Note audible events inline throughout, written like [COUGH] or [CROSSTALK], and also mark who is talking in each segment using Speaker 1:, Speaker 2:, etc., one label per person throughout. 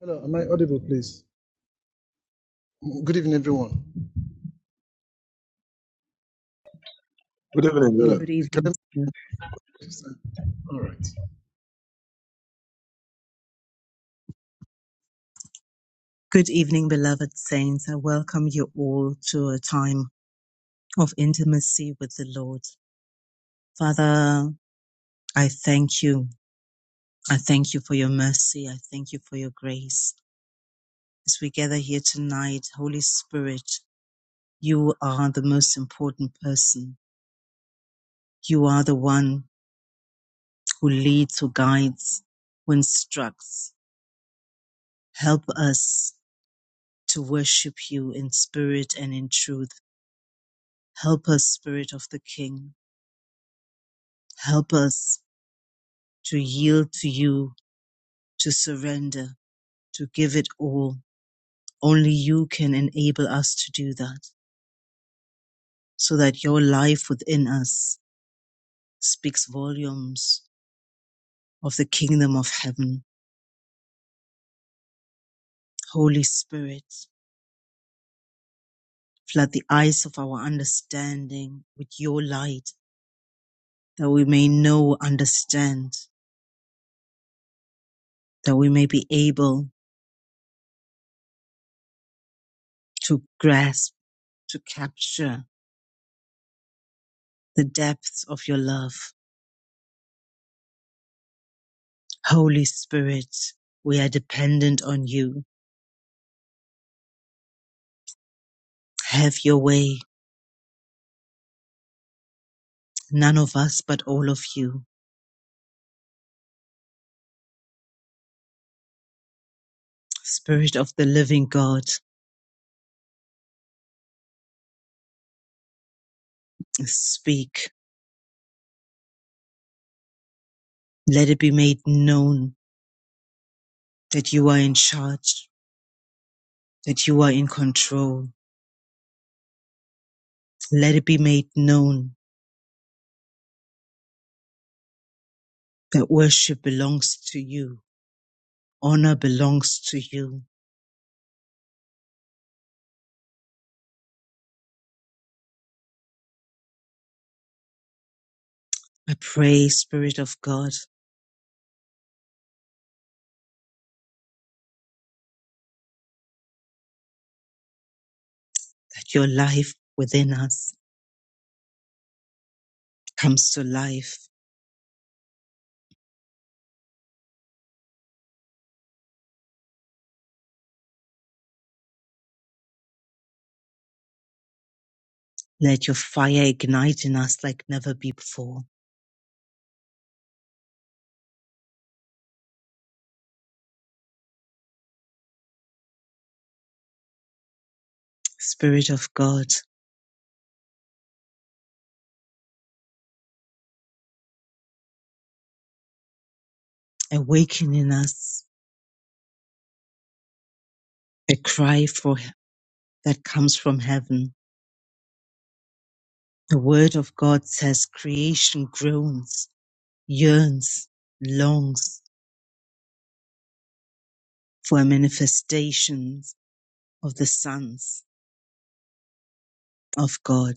Speaker 1: Hello, am I audible, please? Mm, Good evening, everyone.
Speaker 2: Good evening.
Speaker 1: Hello,
Speaker 2: William.
Speaker 3: Good
Speaker 1: can I
Speaker 3: evening. sir.
Speaker 1: understand? All right.
Speaker 3: Good evening, beloved saints. I welcome you all to a time of intimacy with the Lord. Father, I thank you. I thank you for your mercy. I thank you for your grace. As we gather here tonight, Holy Spirit, you are the most important person. You are the one who leads, who guides, who instructs. Help us to worship you in spirit and in truth. Help us, Spirit of the King Help us to yield to you, to surrender, to give it all. Only you can enable us to do that so that your life within us speaks volumes of the kingdom of heaven. Holy Spirit, flood the eyes of our understanding with your light that we may know, understand, that we may be able to grasp, to capture the depths of your love. Holy Spirit, we are dependent on you. Have your way. None of us, but all of you. Spirit of the living God, speak. Let it be made known that you are in charge, that you are in control. Let it be made known that worship belongs to you. Honor belongs to you. I pray, Spirit of God, that your life within us comes to life. Let your fire ignite in us like never before Spirit of God, awaken in us a cry for that comes from heaven. The word of God says creation groans, yearns, longs for a manifestation of the sons of God.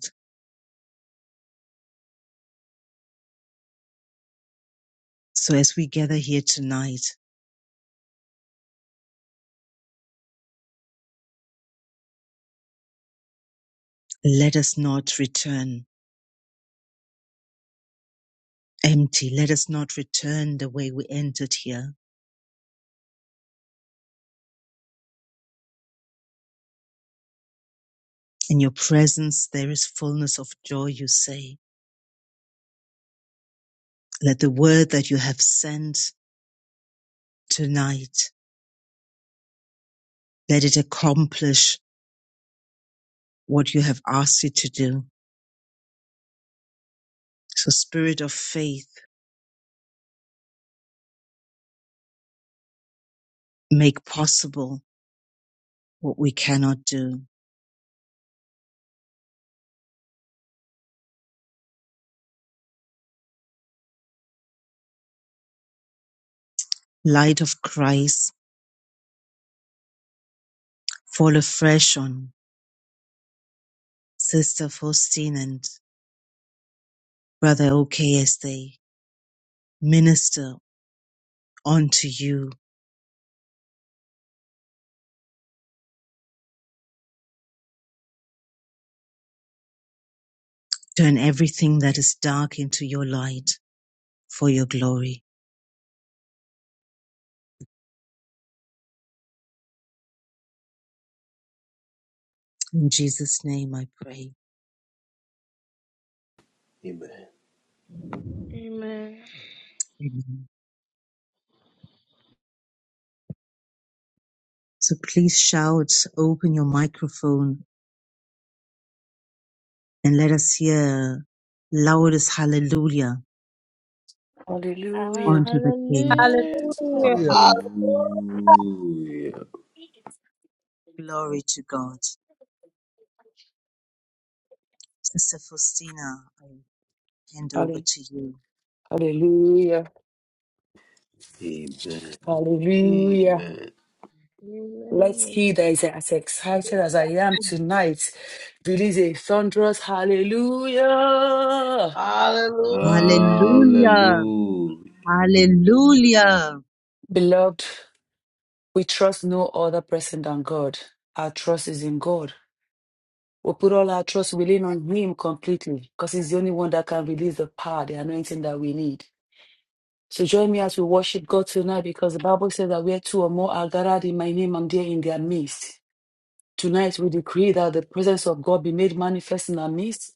Speaker 3: So as we gather here tonight, let us not return empty. Let us not return the way we entered here. In your presence, there is fullness of joy, you say. Let the word that you have sent tonight that it accomplish what you have asked it to do. So spirit of faith, make possible what we cannot do. Light of Christ, fall afresh on Sister Faustine and Brother OK as they minister unto you. Turn everything that is dark into your light for your glory. In Jesus' name I pray.
Speaker 4: Amen.
Speaker 5: Amen.
Speaker 3: Amen. So please shout, open your microphone and let us hear loudest hallelujah
Speaker 6: Hallelujah.
Speaker 3: Onto the King.
Speaker 5: Hallelujah.
Speaker 7: Hallelujah.
Speaker 1: Hallelujah.
Speaker 8: Hallelujah.
Speaker 4: Hallelujah.
Speaker 3: Glory to God. Sister Faustina, I hand over
Speaker 6: Halle-
Speaker 3: to you.
Speaker 6: Hallelujah.
Speaker 4: Amen.
Speaker 6: Hallelujah.
Speaker 4: Amen.
Speaker 6: Let he
Speaker 5: Amen.
Speaker 6: that is as excited as I am tonight release a thunderous hallelujah.
Speaker 8: Hallelujah.
Speaker 3: Hallelujah.
Speaker 4: Hallelujah.
Speaker 3: Hallelujah.
Speaker 6: Beloved, we trust no other person than God. Our trust is in God. We put all our trust, we lean on Him completely because He's the only one that can release the power, the anointing that we need. So join me as we worship God tonight because the Bible says that where two or more are gathered in my name, I'm there in their midst. Tonight we decree that the presence of God be made manifest in our midst.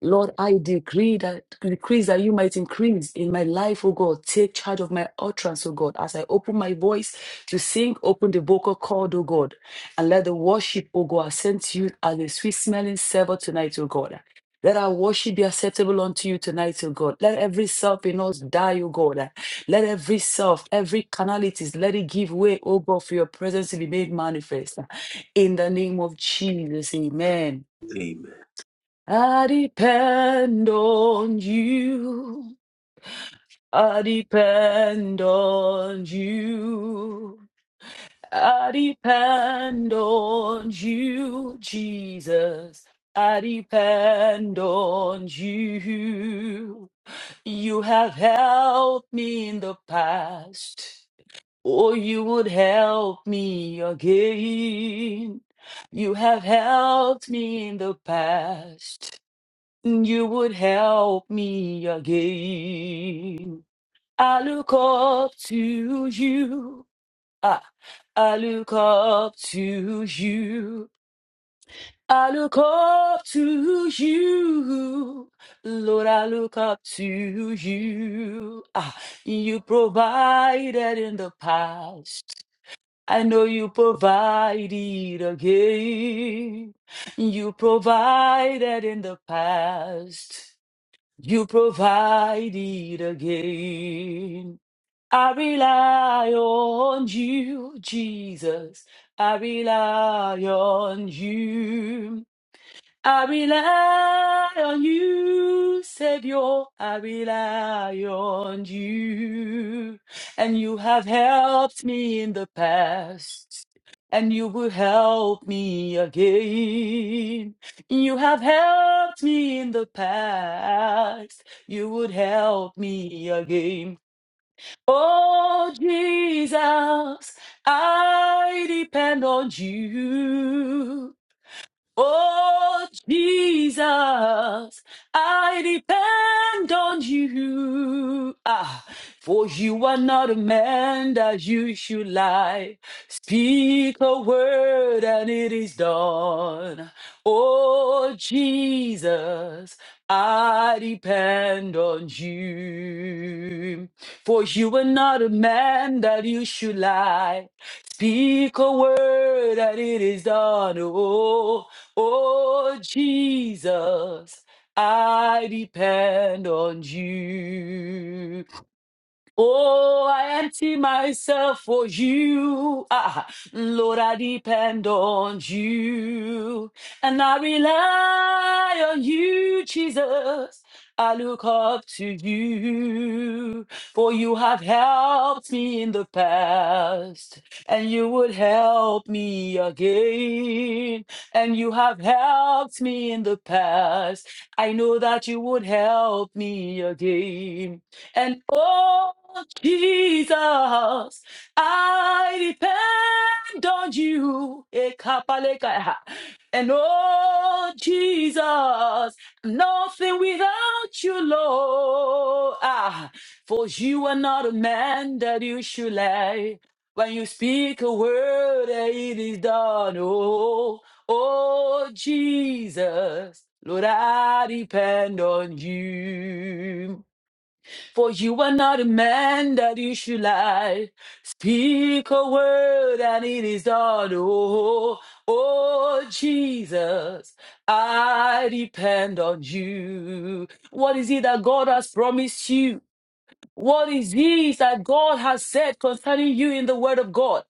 Speaker 6: Lord, I decree that decrease that you might increase in my life, oh God. Take charge of my utterance, oh God. As I open my voice to sing, open the vocal cord, oh God. And let the worship, oh God, ascend to you as a sweet smelling savor tonight, oh God. Let our worship be acceptable unto you tonight, O God. Let every self in us die, O God. Let every self, every canalities, let it give way, O God, for your presence to be made manifest. In the name of Jesus, amen.
Speaker 4: Amen.
Speaker 6: I depend on you. I depend on you. I depend on you, Jesus. I depend on you. You have helped me in the past, or you would help me again. You have helped me in the past you would help me again. I look up to you. Ah, I look up to you. I look up to you. Lord, I look up to you. Ah, you provided in the past. I know you provided again. You provided in the past. You provided again. I rely on you, Jesus. I rely on you. I rely on you, Savior. I rely on you. And you have helped me in the past. And you will help me again. You have helped me in the past. You would help me again. Oh, Jesus, I depend on you. Oh, Jesus, I depend on you. Ah, for you are not a man that you should lie. Speak a word and it is done. Oh, Jesus, I depend on you. For you are not a man that you should lie. Speak a word and it is done. Oh, oh, Jesus, I depend on you. Oh, I empty myself for you. Ah, Lord, I depend on you. And I rely on you, Jesus. I look up to you. For you have helped me in the past. And you would help me again. And you have helped me in the past. I know that you would help me again. And oh, Jesus, I depend on you. Ekapalekaya. And oh, Jesus, nothing without you, Lord. Ah, for you are not a man that you should lie. When you speak a word, and it is done. Oh, oh, Jesus, Lord, I depend on you. For you are not a man that you should lie. Speak a word and it is done. Oh, oh, Jesus, I depend on you. What is it that God has promised you? What is this that God has said concerning you in the word of God?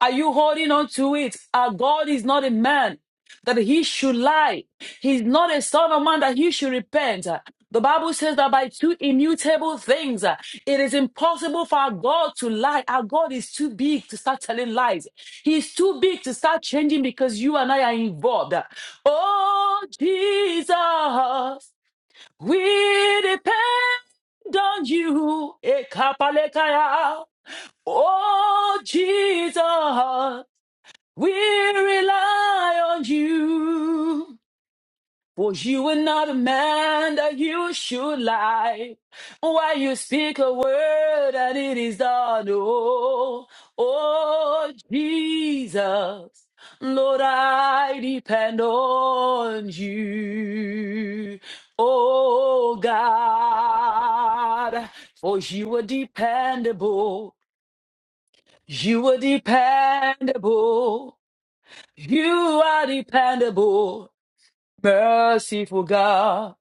Speaker 6: Are you holding on to it? Our God is not a man that he should lie. He's not a son of man that he should repent. The Bible says that by two immutable things, uh, it is impossible for our God to lie. Our God is too big to start telling lies. He's too big to start changing because you and I are involved. Oh, Jesus, we depend on you. Ekapalekaya. Oh, Jesus. We rely on you, for you are not a man that you should lie. Why you speak a word and it is done, oh, oh Jesus. Lord, I depend on you, oh God, for you are dependable. You are dependable. You are dependable, merciful God.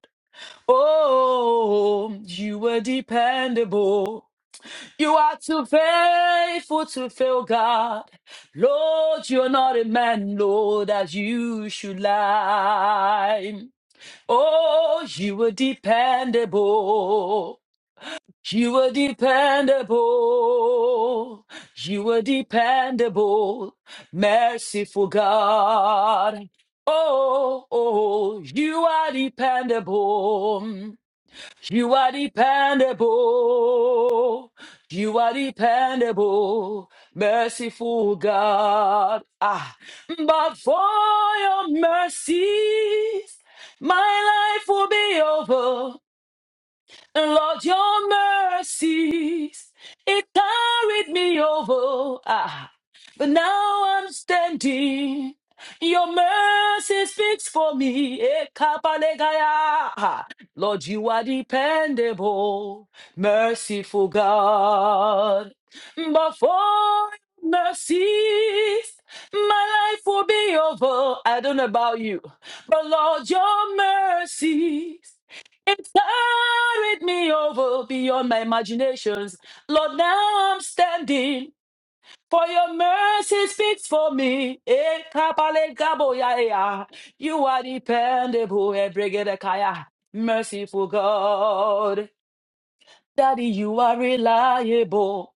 Speaker 6: Oh, you are dependable. You are too faithful to fail, God. Lord, you're not a man, Lord, that you should lie. Oh, you are dependable. You were dependable. You were dependable, merciful God. Oh, oh, you are dependable. You are dependable. You are dependable, merciful God. Ah, but for your mercies, my life will be over. And Lord, your mercies, it carried me over. Ah, but now I'm standing. Your mercy speaks for me. Eh, kapalegaya. Ah, Lord, you are dependable, merciful God. But for mercies, my life will be over. I don't know about you, but Lord, your mercies. It carried me over beyond my imaginations. Lord, now I'm standing. For your mercy speaks for me. Eh, kapale gabo ya e ya. You are dependable, eh, Brigadier Kaya. merciful God. Daddy, you are reliable.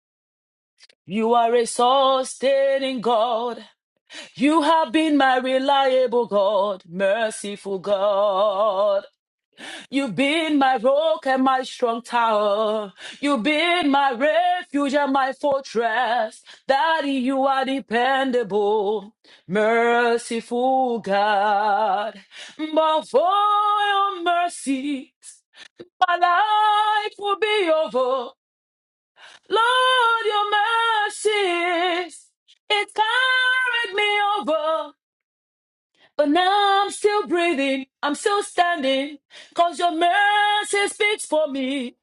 Speaker 6: You are a sustaining God. You have been my reliable God, merciful God. You've been my rock and my strong tower. You've been my refuge and my fortress. Daddy, you are dependable, merciful God. But for your mercies, my life will be over. Lord, your mercies, it carried me over. But now I'm still breathing, I'm still standing, cause your mercy speaks for me.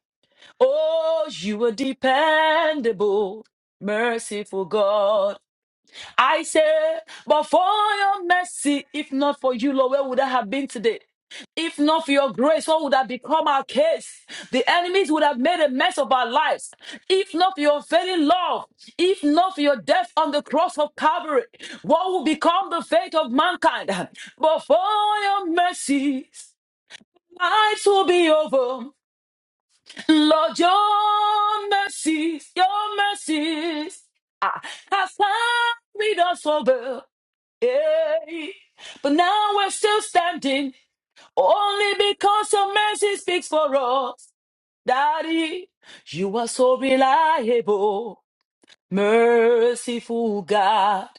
Speaker 6: Oh, you are dependable, merciful God. I say, but for your mercy, if not for you, Lord, where would I have been today? If not for your grace, what would have become our case? The enemies would have made a mess of our lives. If not for your failing love, if not for your death on the cross of Calvary, what will become the fate of mankind? But for your mercies, lives will be over. Lord, your mercies, your mercies ah, has carried us over. Hey, but now we're still standing only because your mercy speaks for us. Daddy, you are so reliable, merciful God.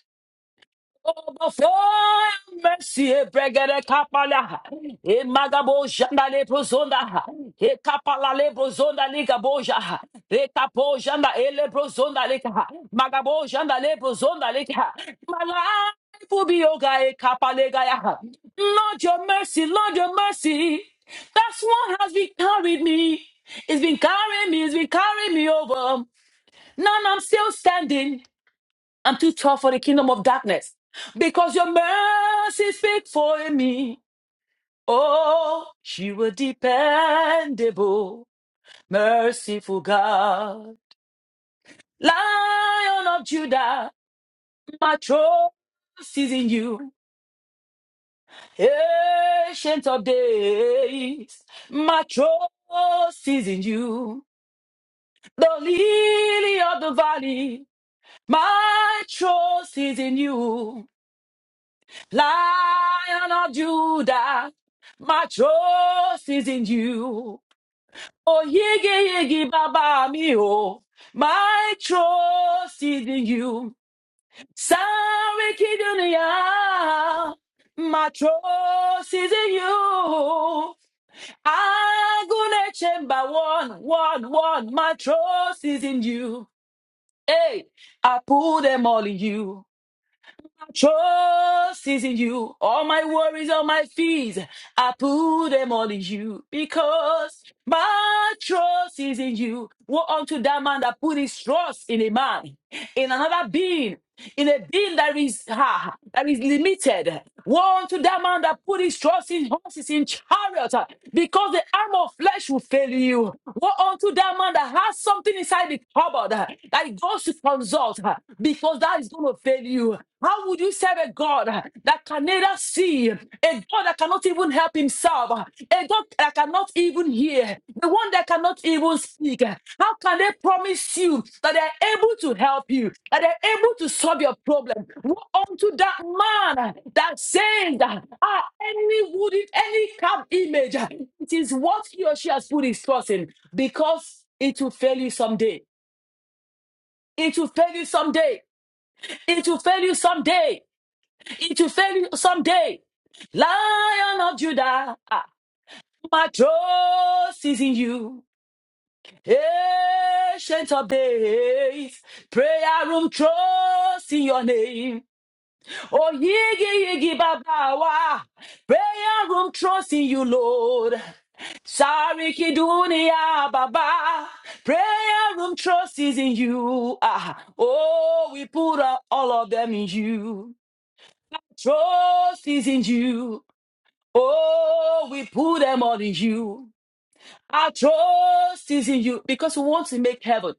Speaker 6: Overflow mercy, eh, bregede kapala. Eh, magabo janda le brozonda. Eh, kapala le brozonda liga boja. Eh, kapo janda eh, le brozonda liga. Magabo janda le brozonda liga. My life will be yoga eh, kapale gaya. Lord your mercy, Lord your mercy. That's what has been carried me. It's been carrying me, it's been carrying me over. None, I'm still standing. I'm too tough for the kingdom of darkness. Because your mercy speak for me. Oh, you are dependable, merciful God. Lion of Judah, my trust is in you. Ancient of days, my trust is in you. The lily of the valley, my trust is in you. Lion of Judah, my trust is in you. Oh, yigi yigi baba mi oh, my trust is in you. Sorry, dunia, my trust is in you. I'm to chamber one, one, one. My trust is in you. Hey, I put them all in you. Trust is in you. All my worries, all my fears, I put them all in you because my trust is in you. Woe unto that man that put his trust in a man, in another being in a being that is ah, that is limited. Woe unto that man that put his trust in horses in chariots, ah, because the arm of flesh will fail you. Woe unto that man that has something inside the cupboard ah, that he goes to consult, ah, because that is going to fail you. How would you serve a God ah, that can neither see, a God that cannot even help himself? serve, a God that cannot even hear, the one that cannot even speak. How can they promise you that they're able to help you, that they're able to solve your problem? Woe unto that man that says that ah, any wooden, any carved image, it is what he or she has put his trust in because it will fail you someday. It will fail you someday. It will fail you someday. It will fail you someday. Lion of Judah. Ah, my trust is in you, ancient of days. Prayer room trust in your name. Oh, yigi yigi baba wa. Prayer room trust in you, Lord. Sariki dunia baba. Prayer room trust is in you. Ah, oh, we put uh, all of them in you. Trust is in you. Oh, we put them all in you. Our trust is in you because we want to make heaven.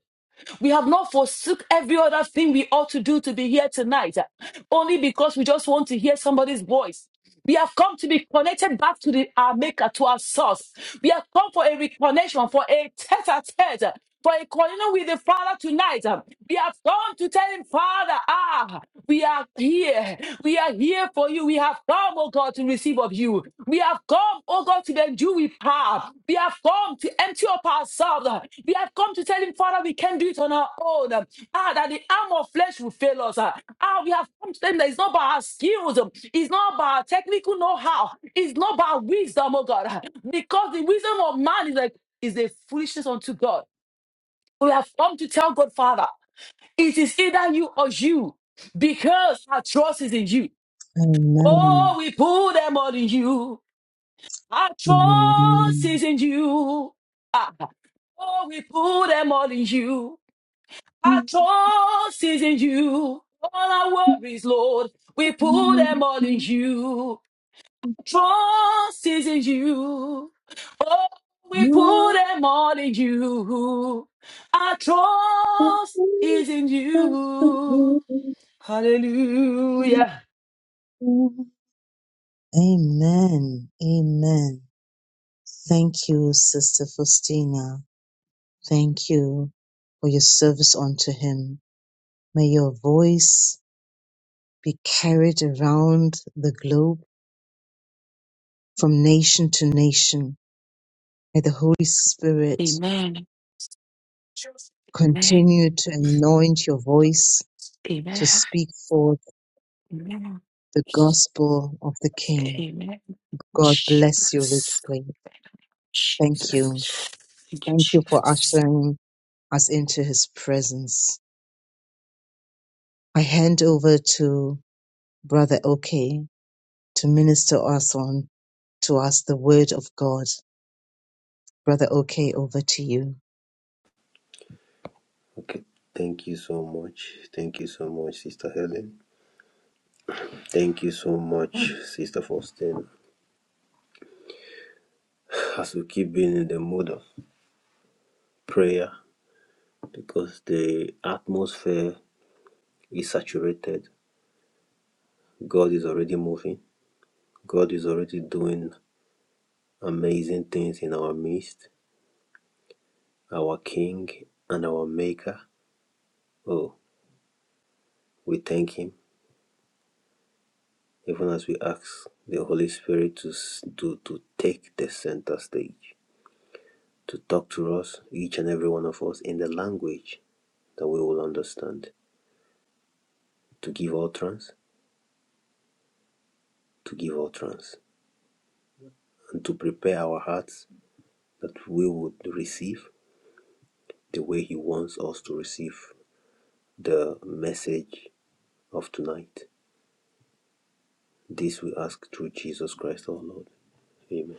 Speaker 6: We have not forsook every other thing we ought to do to be here tonight, uh, only because we just want to hear somebody's voice. We have come to be connected back to the, our maker, to our source. We have come for a reconnection, for a tete-a-tete, uh, for a communion with the Father tonight. uh. We have come to tell him, Father, ah, we are here. We are here for you. We have come, oh God, to receive of you. We have come, oh God, to endure with have. We have come to empty up ourselves. We have come to tell him, Father, we can't do it on our own. Ah, that the arm of flesh will fail us. Ah, we have come to them that it's not by our skills, it's not by our technical know-how, it's not by our wisdom, oh God. Because the wisdom of man is like is a foolishness unto God. So We have come to tell God, Father, it is either you or you, because our trust is in you. Oh,
Speaker 3: Amen.
Speaker 6: we put them all in you. Our trust
Speaker 3: Amen.
Speaker 6: is in you. Ah, Oh, we put them all in you. Our trust is in you. All our worries, Lord, we put them all in you. Trust is in you. Oh, we put them all in you. Our trust is in you. Hallelujah.
Speaker 3: Amen. Amen. Thank you, Sister Faustina. Thank you for your service unto him. May your voice be carried around the globe from nation to nation. May the Holy Spirit
Speaker 6: Amen. Amen.
Speaker 3: continue to anoint your voice to speak forth the gospel of the King. God bless you richly. Thank you. Thank you for ushering us into his presence. I hand over to Brother Oke to minister us on to us the word of God. Brother Oke, over to you.
Speaker 4: Okay. Thank you so much. Thank you so much, Sister Helen. Thank you so much, Sister Faustina. As we keep being in the mode of prayer, because the atmosphere is saturated, God is already moving. God is already doing amazing things in our midst, our King and our Maker. Oh, We thank Him even as we ask the Holy Spirit to, s- to, to take the center stage, to talk to us, each and every one of us, in the language that we will understand, to give utterance, to give utterance, and to prepare our hearts that we would receive the way He wants us to receive the message of tonight. This we ask through Jesus Christ our Lord. Amen.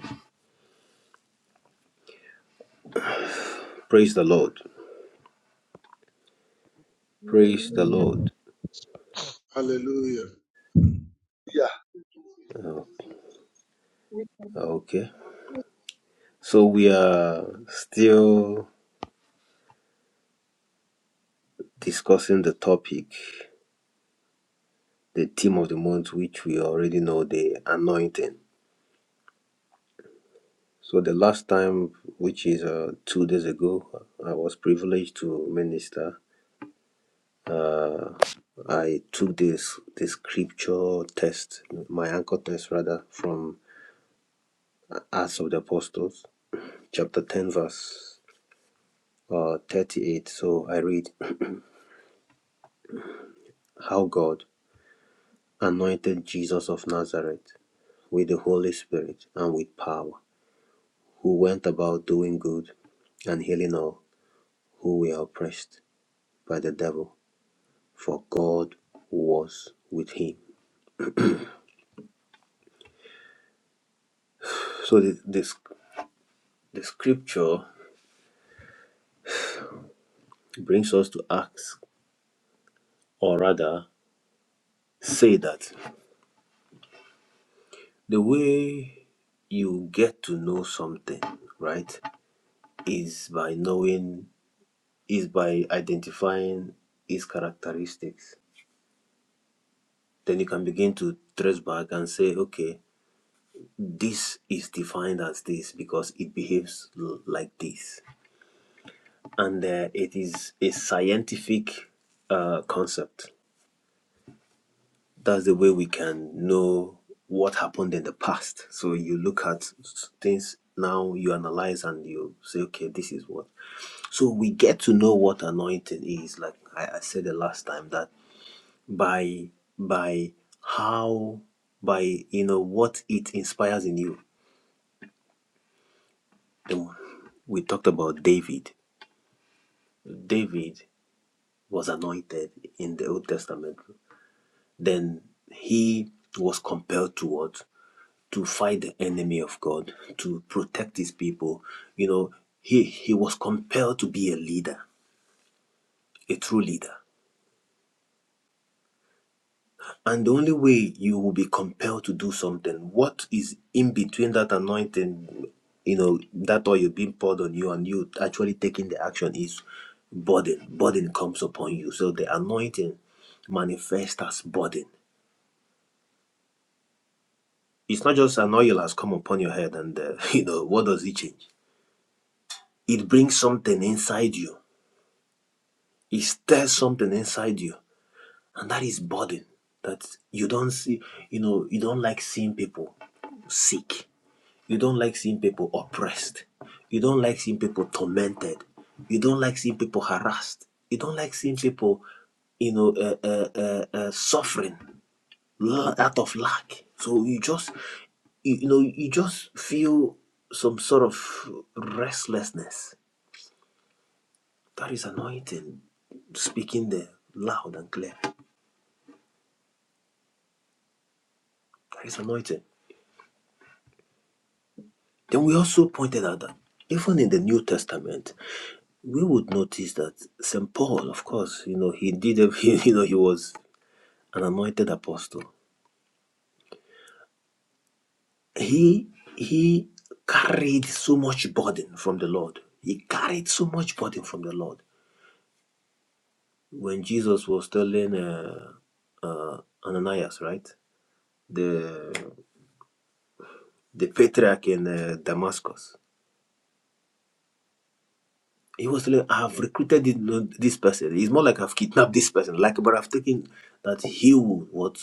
Speaker 4: Praise the Lord. Praise the Lord.
Speaker 1: Hallelujah.
Speaker 9: Yeah,
Speaker 4: Oh,
Speaker 9: more
Speaker 4: okay. So we are still discussing the topic, the theme of the month, which we already know, the anointing. So the last time, which is uh, two days ago, I was privileged to minister. Uh, I took this the scripture test, my anchor test rather, from Acts of the Apostles, chapter ten, verse uh, thirty-eight. So I read how God anointed Jesus of Nazareth with the Holy Spirit and with power, who went about doing good and healing all who were oppressed by the devil, for God was with him. So the, the, the scripture brings us to ask, or rather, say that the way you get to know something, right, is by knowing, is by identifying its characteristics. Then you can begin to trace back and say, okay, this is defined as this because it behaves l- like this and uh, it is a scientific uh, concept that's the way we can know what happened in the past so you look at s- things now you analyze and you say okay this is what so we get to know what anointing is like i, I said the last time that by by how by you know what it inspires in you Then we talked about david David was anointed in the Old Testament, then he was compelled to what? To fight the enemy of God, to protect his people. You know, he, he was compelled to be a leader, a true leader. And the only way you will be compelled to do something, what is in between that anointing, you know, that oil being poured on you and you actually taking the action is burden. Burden comes upon you. So the anointing manifests as burden It's not just an oil has come upon your head, and uh, [LAUGHS] you know what does it change? It brings something inside you. It stirs something inside you, and that is burden that you don't see. You know you don't like seeing people sick. You don't like seeing people oppressed. You don't like seeing people tormented. You don't like seeing people harassed. You don't like seeing people, you know, uh, uh, uh, uh, suffering. la- out of lack. So you just, you, you know, you just feel some sort of restlessness. That is anointing speaking there loud and clear. That is anointing. Then we also pointed out that even in the New Testament, we would notice that St. Paul, of course, you know, he did, a- [LAUGHS] he, you know, he was an anointed apostle. He, he carried so much burden from the Lord. He carried so much burden from the Lord. when Jesus was telling uh, uh, Ananias, right, the the patriarch in uh, Damascus, he was telling, "I have recruited this this person. It's more like I've kidnapped this person, like, but I've taken that he would what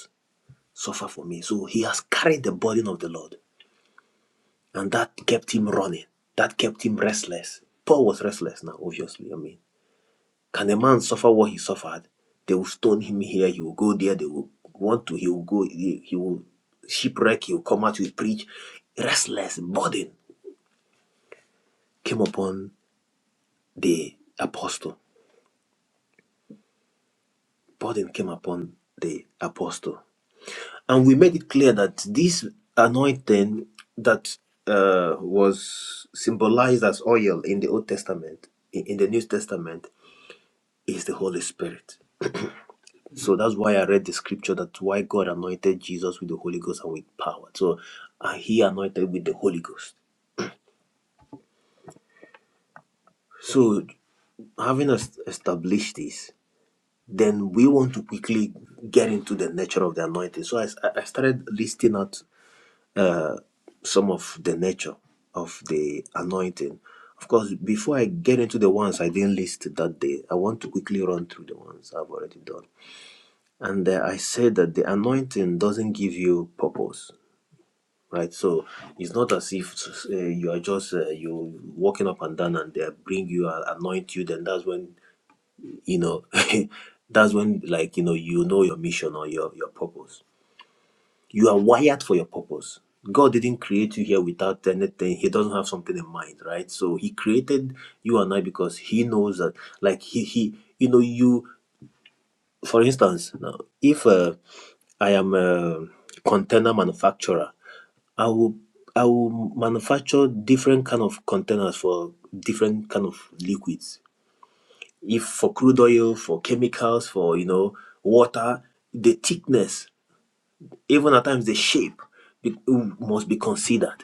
Speaker 4: suffer for me. So he has carried the burden of the Lord, and that kept him running. That kept him restless. Paul was restless now, obviously. I mean. Can a man suffer what he suffered? They will stone him here. He will go there. They will want to. He will go. He, he will shipwreck. He will come out. He will preach. Restless burden came upon the apostle. Burden came upon the apostle, and we made it clear that this anointing that uh, was symbolized as oil in the Old Testament, in in the New Testament, is the Holy Spirit So that's why I read the scripture that's why God anointed Jesus with the Holy Ghost and with power. So uh, he anointed with the Holy Ghost. So having es- established this, then we want to quickly get into the nature of the anointing. So I, s- I started listing out some of the nature of the anointing. Of course, before I get into the ones I didn't list that day, I want to quickly run through the ones I've already done. And uh, I said that the anointing doesn't give you purpose. right? So it's not as if uh, you are just uh, you walking up and down and they bring you and anoint you. Then that's when you know [LAUGHS] that's when like you know you know your mission or your your purpose. You are wired for your purpose. God didn't create you here without anything. He doesn't have something in mind, right? So He created you and I because He knows that, like He He you know you for instance, now, if uh, I am a container manufacturer, I will I will manufacture different kind of containers for different kind of liquids. If for crude oil, for chemicals, for you know water, the thickness, even at times the shape, be, must be considered.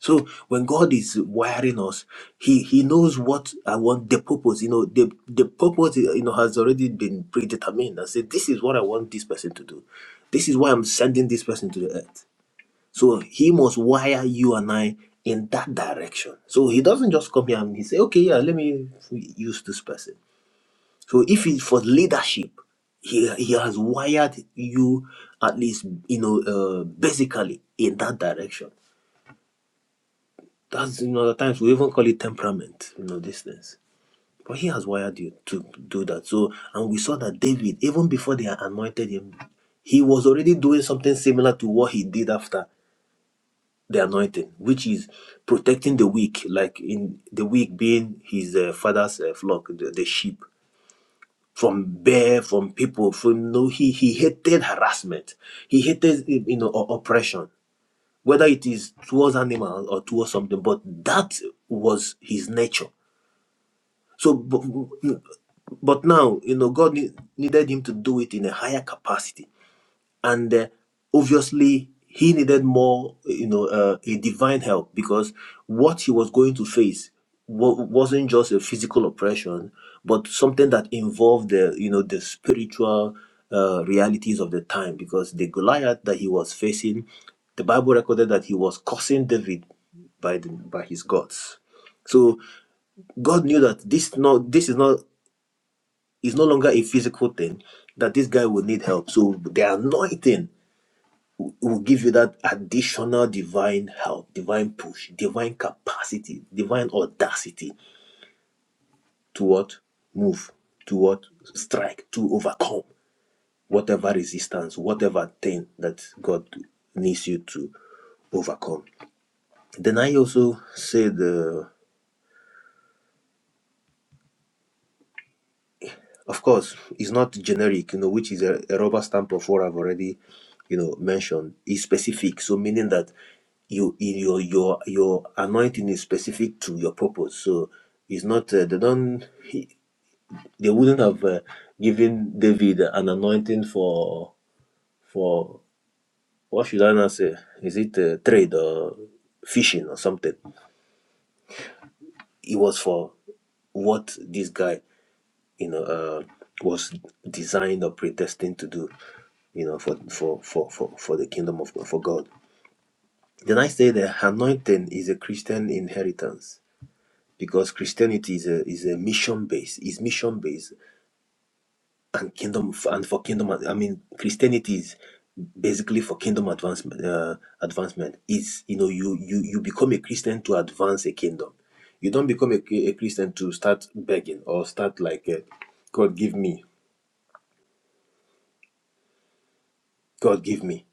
Speaker 4: So when God is wiring us, He He knows what I want, the purpose. You know, the the purpose you know has already been predetermined. I said, this is what I want this person to do. This is why I'm sending this person to the earth. So He must wire you and I in that direction. So He doesn't just come here and He say, okay, yeah, let me use this person. So if it's for leadership, he, he has wired you at least you know uh, basically in that direction that's you know at times we even call it temperament you know these things but he has wired you to do that so and we saw that david even before they anointed him he was already doing something similar to what he did after the anointing which is protecting the weak like in the weak being his uh, father's uh, flock the, the sheep from bear from people from no he he hated harassment he hated you know o- oppression whether it is towards animals or towards something but that was his nature So, but, but now, you know, God need, needed him to do it in a higher capacity. And uh, obviously, he needed more, you know, uh, a divine help because what he was going to face wa- wasn't just a physical oppression, but something that involved the, you know, the spiritual uh, realities of the time. Because the Goliath that he was facing, the Bible recorded that he was cursing David by the, by his gods. So God knew that this no this is not is no longer a physical thing that this guy will need help. So the anointing will give you that additional divine help, divine push, divine capacity, divine audacity to what move, to what strike, to overcome whatever resistance, whatever thing that God needs you to overcome. Then I also said. uh, Of course, it's not generic, you know, which is a, a rubber stamp of what I've already, you know, mentioned. It's specific, so meaning that you in your your your anointing is specific to your purpose. So it's not uh, they don't he, they wouldn't have uh, given David an anointing for for what should I now say? Is it uh, trade or fishing or something? It was for what this guy you know, uh, was designed or predestined to do, you know, for, for, for, for, for the kingdom of for God. Then I say the anointing is a Christian inheritance because Christianity is a, is a mission based. is mission based and kingdom and for kingdom. I mean, Christianity is basically for kingdom advancement. Uh, advancement is you know you you you become a Christian to advance a kingdom. You don't become a, a Christian to start begging or start like, uh, God give me, God give me.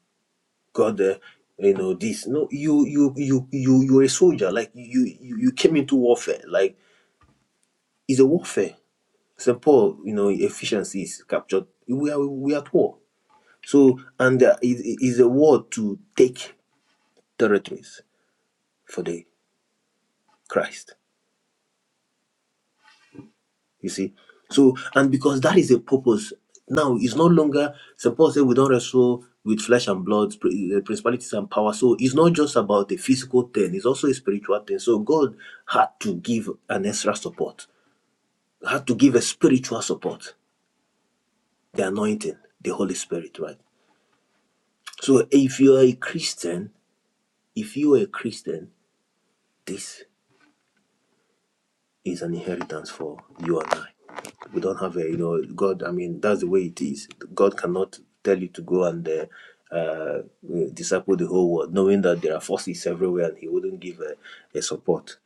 Speaker 4: God, uh, you know this. No, you you you you you're a soldier. Like you you you came into warfare. Like it's a warfare. Saint Paul, you know, efficiency is captured. We are we are at war. So and uh, it it is a war to take territories for the Christ. You see? So, and because that is a purpose, now it's no longer, St. Paul said, we don't wrestle with flesh and blood, pri- uh, principalities and power. So it's not just about the physical thing, it's also a spiritual thing. So God had to give an extra support, had to give a spiritual support, the anointing, the Holy Spirit, right? So if you are a Christian, if you are a Christian, this is an inheritance for you and I. we don't have a you know god i mean that's the way it is god cannot tell you to go and uh, uh disciple the whole world knowing that there are forces everywhere and he wouldn't give a, a support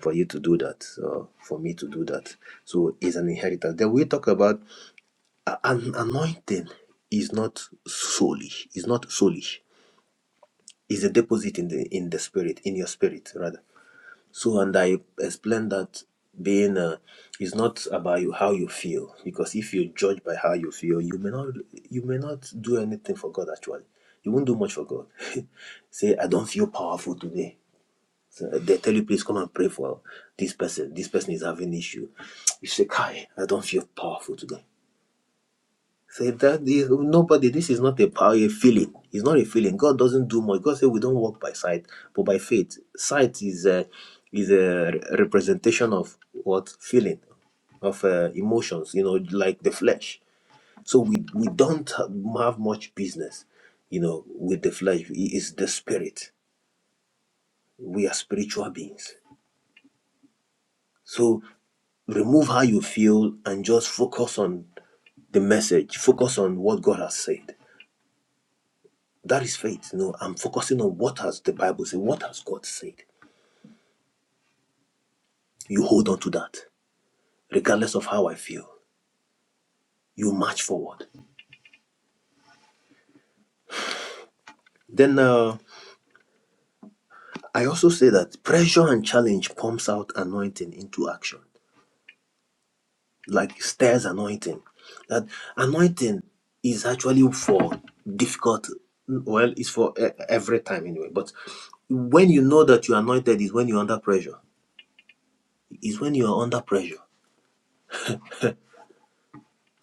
Speaker 4: for you to do that or for me to do that so it's an inheritance then we talk about uh, an anointing is not soulish it's not soulish it's a deposit in the in the spirit in your spirit rather so, and I explained that being uh, is not about you, how you feel, because if you judge by how you feel, you may not you may not do anything for God. Actually, you won't do much for God. [LAUGHS] Say, I don't feel powerful today. So they tell you, please come and pray for this person. This person is having issue. You say, Kai, I don't feel powerful today. Say that this, nobody, this is not a power, a feeling. It's not a feeling. God doesn't do much. God said we don't walk by sight, but by faith. Sight is a is a re- representation of what feeling, of uh, emotions. You know, like the flesh. So we we don't have much business, you know, with the flesh. It is the spirit. We are spiritual beings. So remove how you feel and just focus on the message. Focus on what God has said That is faith. No, I'm focusing on what has the Bible said, what has God said. You hold on to that, regardless of how I feel. You march forward. Then uh, I also say that pressure and challenge pumps out anointing into action, like stairs anointing. That anointing is actually for difficult. Well, it's for e- every time anyway. But when you know that you're anointed, is when you're under pressure. Is when you're under pressure.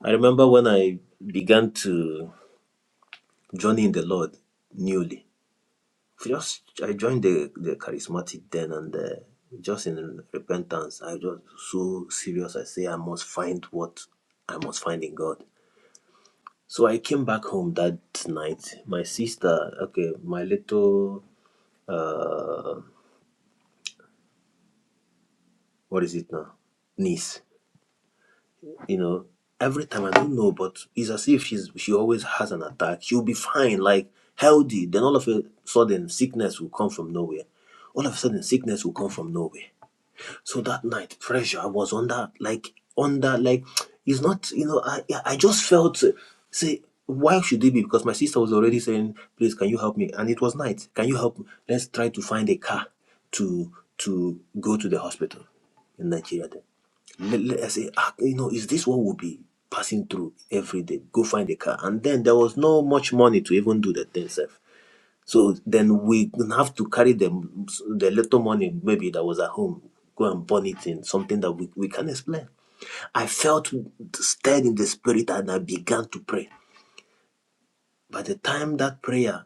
Speaker 4: I remember when I began to. journey in the Lord newly. Just I joined the, the charismatic then and uh, just in repentance, I was so serious. I say I must find what I must find in God. So I came back home that night. My sister, okay, my little what is it now? Niece. You know, every time I don't know, but it's as if she's she always has an attack. She'll be fine, like healthy. Then all of a sudden sickness will come from nowhere. All of a sudden sickness will come from nowhere So that night, pressure. was on that, like, on that, like, it's not, you know, I, yeah, I just felt, uh, say, why should it be? Because my sister was already saying, please, can you help me? And it was night. Can you help? me? Let's try to find a car to to go to the hospital in Nigeria then. Let, let, I say, ah, you know, is this what we'll be passing through every day? Go find a car. And then there was no much money to even do that thing, sir. So then we have to carry them the little money maybe that was at home, go and burn it in something that we, we can explain. I felt stirred in the spirit and I began to pray. By the time that prayer,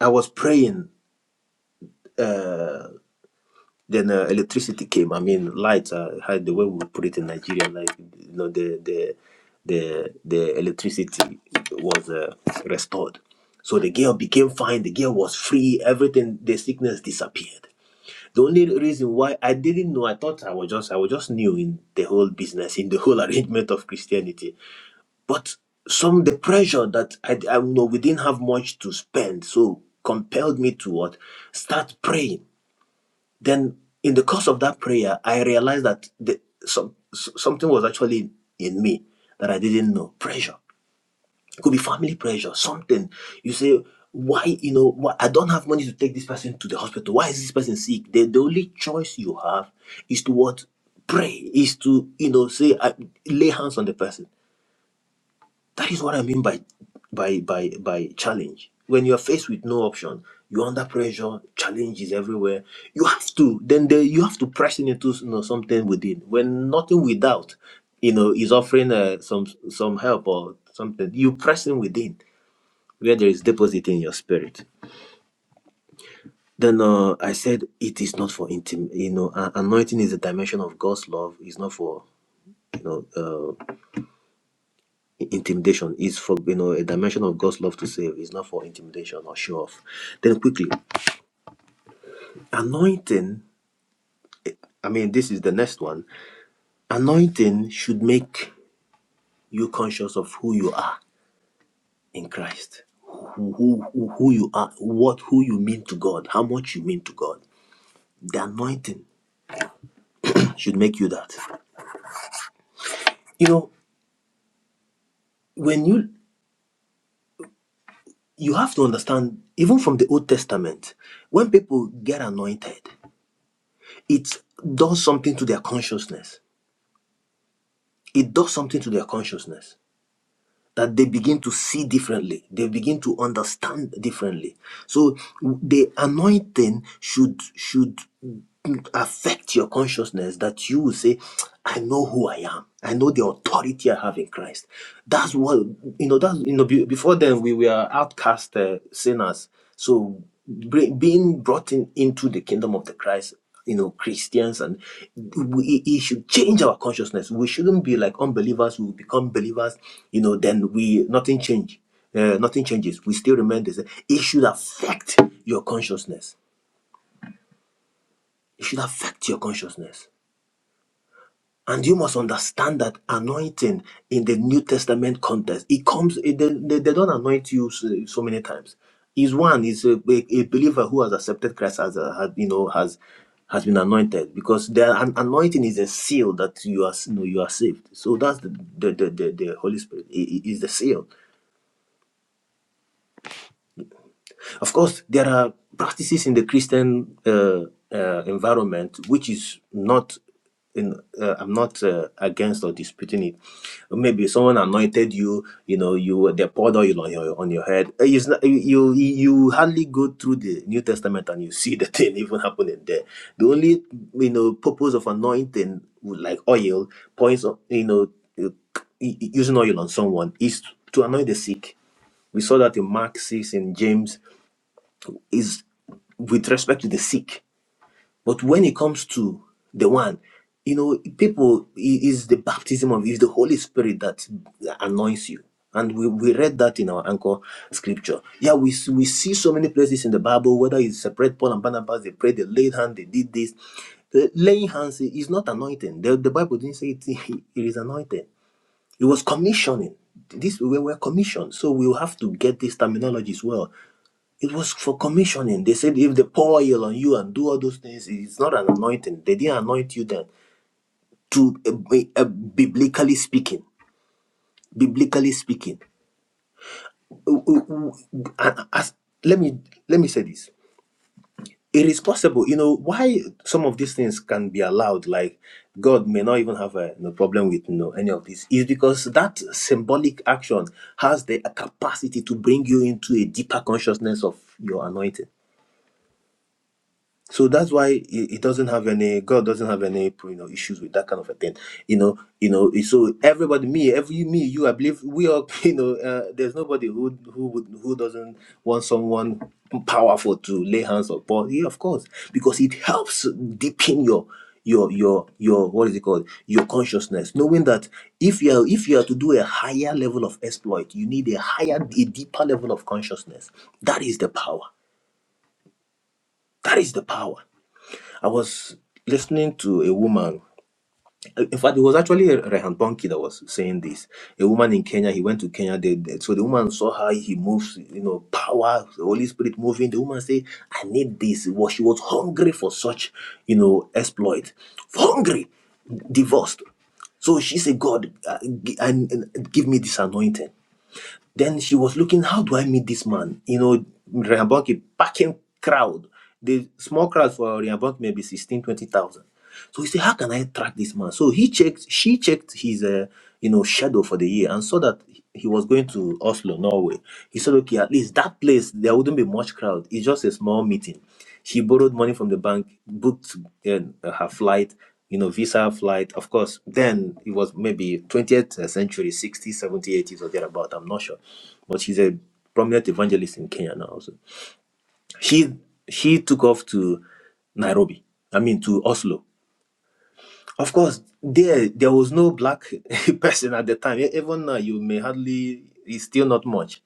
Speaker 4: I was praying, then uh, electricity came. I mean, lights, uh, how the way we put it in Nigeria, like you know, the the the the electricity was uh, restored. So the girl became fine. The girl was free. Everything, the sickness disappeared. The only reason why I didn't know, I thought I was just I was just new in the whole business, in the whole [LAUGHS] arrangement of Christianity. But some the pressure that I, I know we didn't have much to spend, so compelled me to what start praying. Then in the course of that prayer, I realized that the, some s- something was actually in me that I didn't know pressure. It could be family pressure, something. You say, why, you know, why I don't have money to take this person to the hospital. Why is this person sick? The, the only choice you have is to what? Pray, is to, you know, say, I, lay hands on the person. That is what I mean by, by, by, by challenge. When you are faced with no option, you're under pressure, challenges everywhere. You have to, then the, you have to press into, you know, something within. When nothing without, you know, is offering uh, some, some help or something, you press in within where there is deposit in your spirit. Then uh, I said, it is not for intim. You know, uh, anointing is a dimension of God's love. It's not for you know uh, i- intimidation. It's for you know a dimension of God's love to save. It's not for intimidation or show off. Then quickly, anointing. I mean, this is the next one. Anointing should make you conscious of who you are in Christ who, who, who who you are, what who you mean to God, how much you mean to God. The anointing should make you that. You know, when you you have to understand even from the old testament when people get anointed it does something to their consciousness it does something to their consciousness that they begin to see differently they begin to understand differently so the anointing should should affect your consciousness that you will say i know who i am i know the authority i have in christ that's what you know that's you know be- before then we were outcast uh, sinners so bring, being brought in, into the kingdom of the christ you know christians and we, it should change our consciousness we shouldn't be like unbelievers who become believers you know then we nothing change uh, nothing changes we still remain the same it should affect your consciousness it should affect your consciousness And you must understand that anointing in the New Testament context, it comes, it- they, they, they don't anoint you so, so many times. Is one is a, a- a believer who has accepted Christ as a, has, you know has has been anointed because the an- anointing is a seal that you are you, know, you are saved. So that's the the, the, the, the Holy Spirit i- is the seal. Of course, there are practices in the Christian uh, uh, environment which is not. In, uh, I'm not uh, against or disputing it. Maybe someone anointed you, you know, you they poured oil on your on your head. Uh, It's not, you you you hardly go through the New Testament and you see the thing [LAUGHS] even happening there. The only you know purpose of anointing like oil points of- you know uh, using oil on someone is to anoint the sick. We saw that in Mark 6, in James is with respect to the sick. But when it comes to the one, you know, people it is the baptism of is the Holy Spirit that anoints you. And we, we read that in our anchor scripture. Yeah, we see- we see so many places in the Bible, whether it's separate Paul and Barnabas, they prayed, they laid hands, they did this. The laying hands is not anointing. The, the Bible didn't say it, [LAUGHS] it is anointing. It was commissioning. This we were commissioned, so we will have to get these terminologies well. It was for commissioning. They said if they pour oil on you and do all those things, it's not an anointing. They didn't anoint you then. To uh, bi- uh, biblically speaking, biblically speaking, Uh, uh, uh, as- let me let me say this. It is possible, you know, why some of these things can be allowed. Like God may not even have a no problem with no any of this. Is because that symbolic action has the capacity to bring you into a deeper consciousness of your anointing So that's why it it doesn't have any God doesn't have any you know issues with that kind of a thing, you know, you know. So everybody, me, every me, you, I believe we all, [LAUGHS] you know, uh, there's nobody who who would who doesn't want someone powerful to lay hands upon. Yeah, of course, because it helps deepen your your your your what is it called your consciousness, knowing that if you are if you are to do a higher level of exploit, you need a higher a deeper level of consciousness. That is the power. That is the power. I was listening to a woman. In fact, it was actually Rehan Bonki that was saying this. A woman in Kenya, he went to Kenya. They, they- so the woman saw how he moves, you know, power, the Holy Spirit moving. The woman said, I need this. Well, she was hungry for such, you know, exploit. Hungry, divorced. So she said, God, uh, gi- and and give me this anointing. Then she was looking, how do I meet this man? You know, Riambonke packing crowd. The small crowd for Riambonke maybe 16, 20,000. So he said, how can I track this man? So he checked, she checked his, uh, you know, shadow for the year and saw that he was going to Oslo, Norway. He said, okay, at least that place, there wouldn't be much crowd. It's just a small meeting. She borrowed money from the bank, booked uh, her flight, you know, visa flight. Of course, then it was maybe 20th century, 60s, 70s, 80s, or thereabout. I'm not sure. But she's a prominent evangelist in Kenya now. Also. She, she took off to Nairobi, I mean, to Oslo. Of course, there there was no black [LAUGHS] person at the time. E- Even now, you may hardly, it's still not much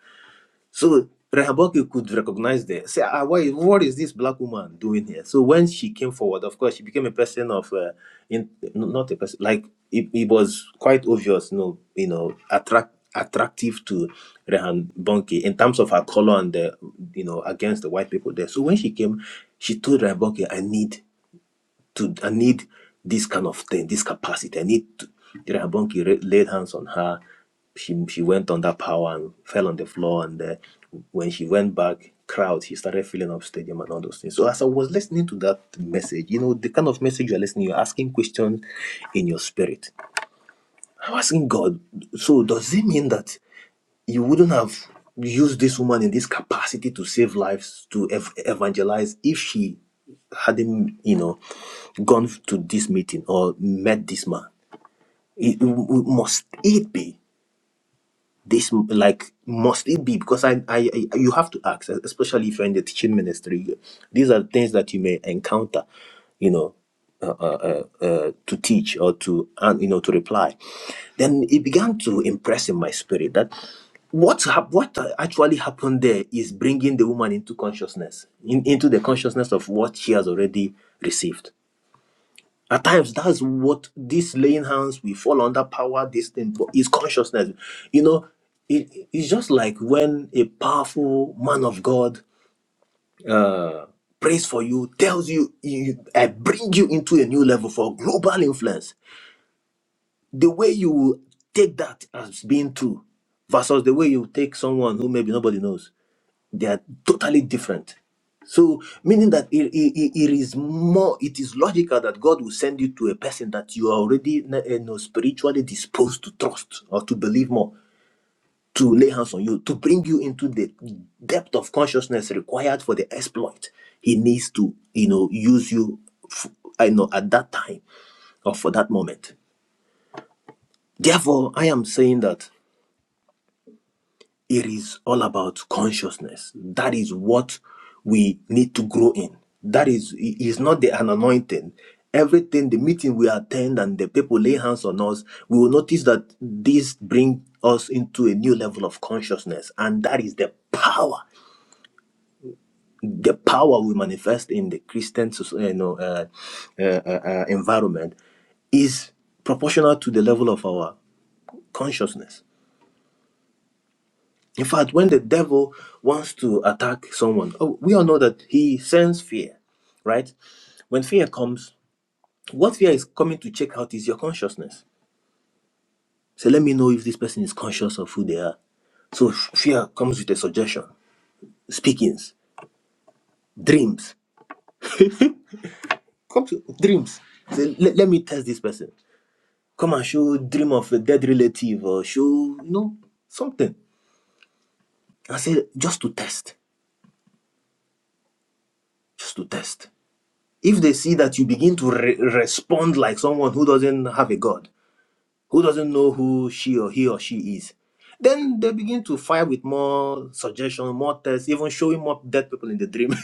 Speaker 4: so Rehoboam could recognize the say, ah, why, what is this black woman doing here? So when she came forward, of course, she became a person of, uh, in, no- not a person like it, it was quite obvious, you know, you know, attract attractive to Rehan Bonke in terms of her color and the, you know, against the white people there. So when she came, she told Rehan Bonke, I need to I need this kind of thing, this capacity. I need to the Rahabonki ra- laid hands on her. She she went under power and fell on the floor. And uh, when she went back, crowd, she started filling up stadium and all those things. So as I was listening to that message, you know, the kind of message you're listening, you're asking questions in your spirit. I'm asking God, so does it mean that you wouldn't have used this woman in this capacity to save lives to ev- evangelize if she hadn't you know gone to this meeting or met this man it, it must it be this like must it be because I, I i you have to ask especially if you're in the teaching ministry these are things that you may encounter you know uh, uh, uh, uh, to teach or to and you know to reply then it began to impress in my spirit that what hap- what actually happened there is bringing the woman into consciousness in, into the consciousness of what she has already received at times, that's what this laying hands we fall under power. This thing, but it's consciousness. You know, it, it's just like when a powerful man of God prays for you, tells you, you, "I bring you into a new level for global influence." The way you will take that as being true, versus the way you take someone who maybe nobody knows. They are totally different. So, meaning that it, it, it is more, it is logical that God will send you to a person that you are already na- you know, spiritually disposed to trust or to believe more, to lay hands on you, to bring you into the depth of consciousness required for the exploit. He needs to, you know, use you, f- I know, at that time or for that moment. Therefore, I am saying that. It is all about consciousness. That is what we need to grow in. That is it is not the an anointing. Everything, the meeting we attend and the people lay hands on us, we will notice that this brings us into a new level of consciousness, and that is the power, the power we manifest in the Christian, soc- you know, uh, uh, uh, uh, environment is proportional to the level of our consciousness. In fact, when the devil wants to attack someone, oh, we all know that he sends fear, right? When fear comes, what fear is coming to check out is your consciousness. So let me know if this person is conscious of who they are. So f- fear comes with a suggestion, speakings, dreams. [LAUGHS] Come to dreams. Say, let, let me test this person. Come and show dream of a dead relative or show, you know, something. I say, just to test, just to test. if they see that you begin to re- respond like someone who doesn't have a god who doesn't know who she or he or she is then they begin to fire with more suggestion more tests even showing more dead people in the dream [LAUGHS]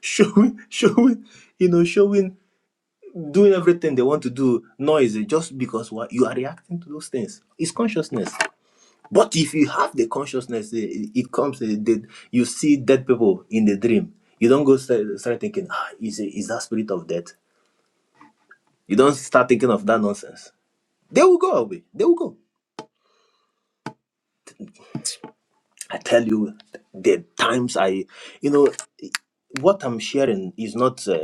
Speaker 4: showing showing you know showing doing everything they want to do noisy just because what you are reacting to those things it's consciousness but if you have the consciousness eh, it, it comes eh, that you see dead people in the dream you don't go start, start thinking ah, is, it, is that spirit of death you don't start thinking of that nonsense. They will go away. They will go. I tell you, the times I, you know, what I'm sharing is not uh,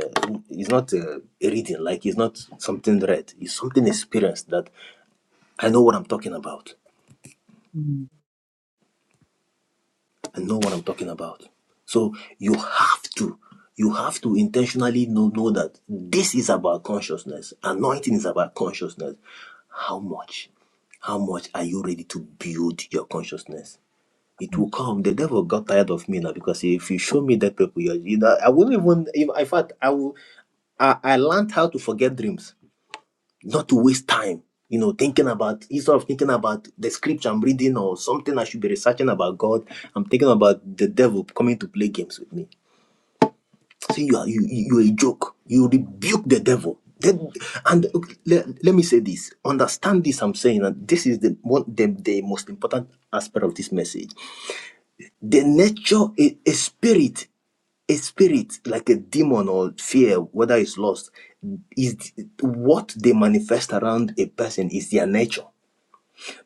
Speaker 4: is not uh, a reading. Like it's not something read. It's something experienced that I know what I'm talking about.
Speaker 3: Mm,
Speaker 4: I know what I'm talking about. So you have to you have to intentionally know know that this is about consciousness. Anointing is about consciousness. How much? How much are you ready to build your consciousness? it will come. The devil got tired of me now because if you show me dead people, you're- you know, I wouldn't even. you In fact, I will. I, I learned how to forget dreams, not to waste time. You know, thinking about instead of thinking about the scripture I'm reading or something I should be researching about God, I'm thinking about the devil coming to play games with me. So you are you you you a joke. You rebuke the devil. Then, and okay, let, let me say this. Understand this. I'm saying, and this is the one the, the most important aspect of this message the nature, a, a spirit, a spirit like a demon or fear, whether it's lost, is what they manifest around a person is their nature.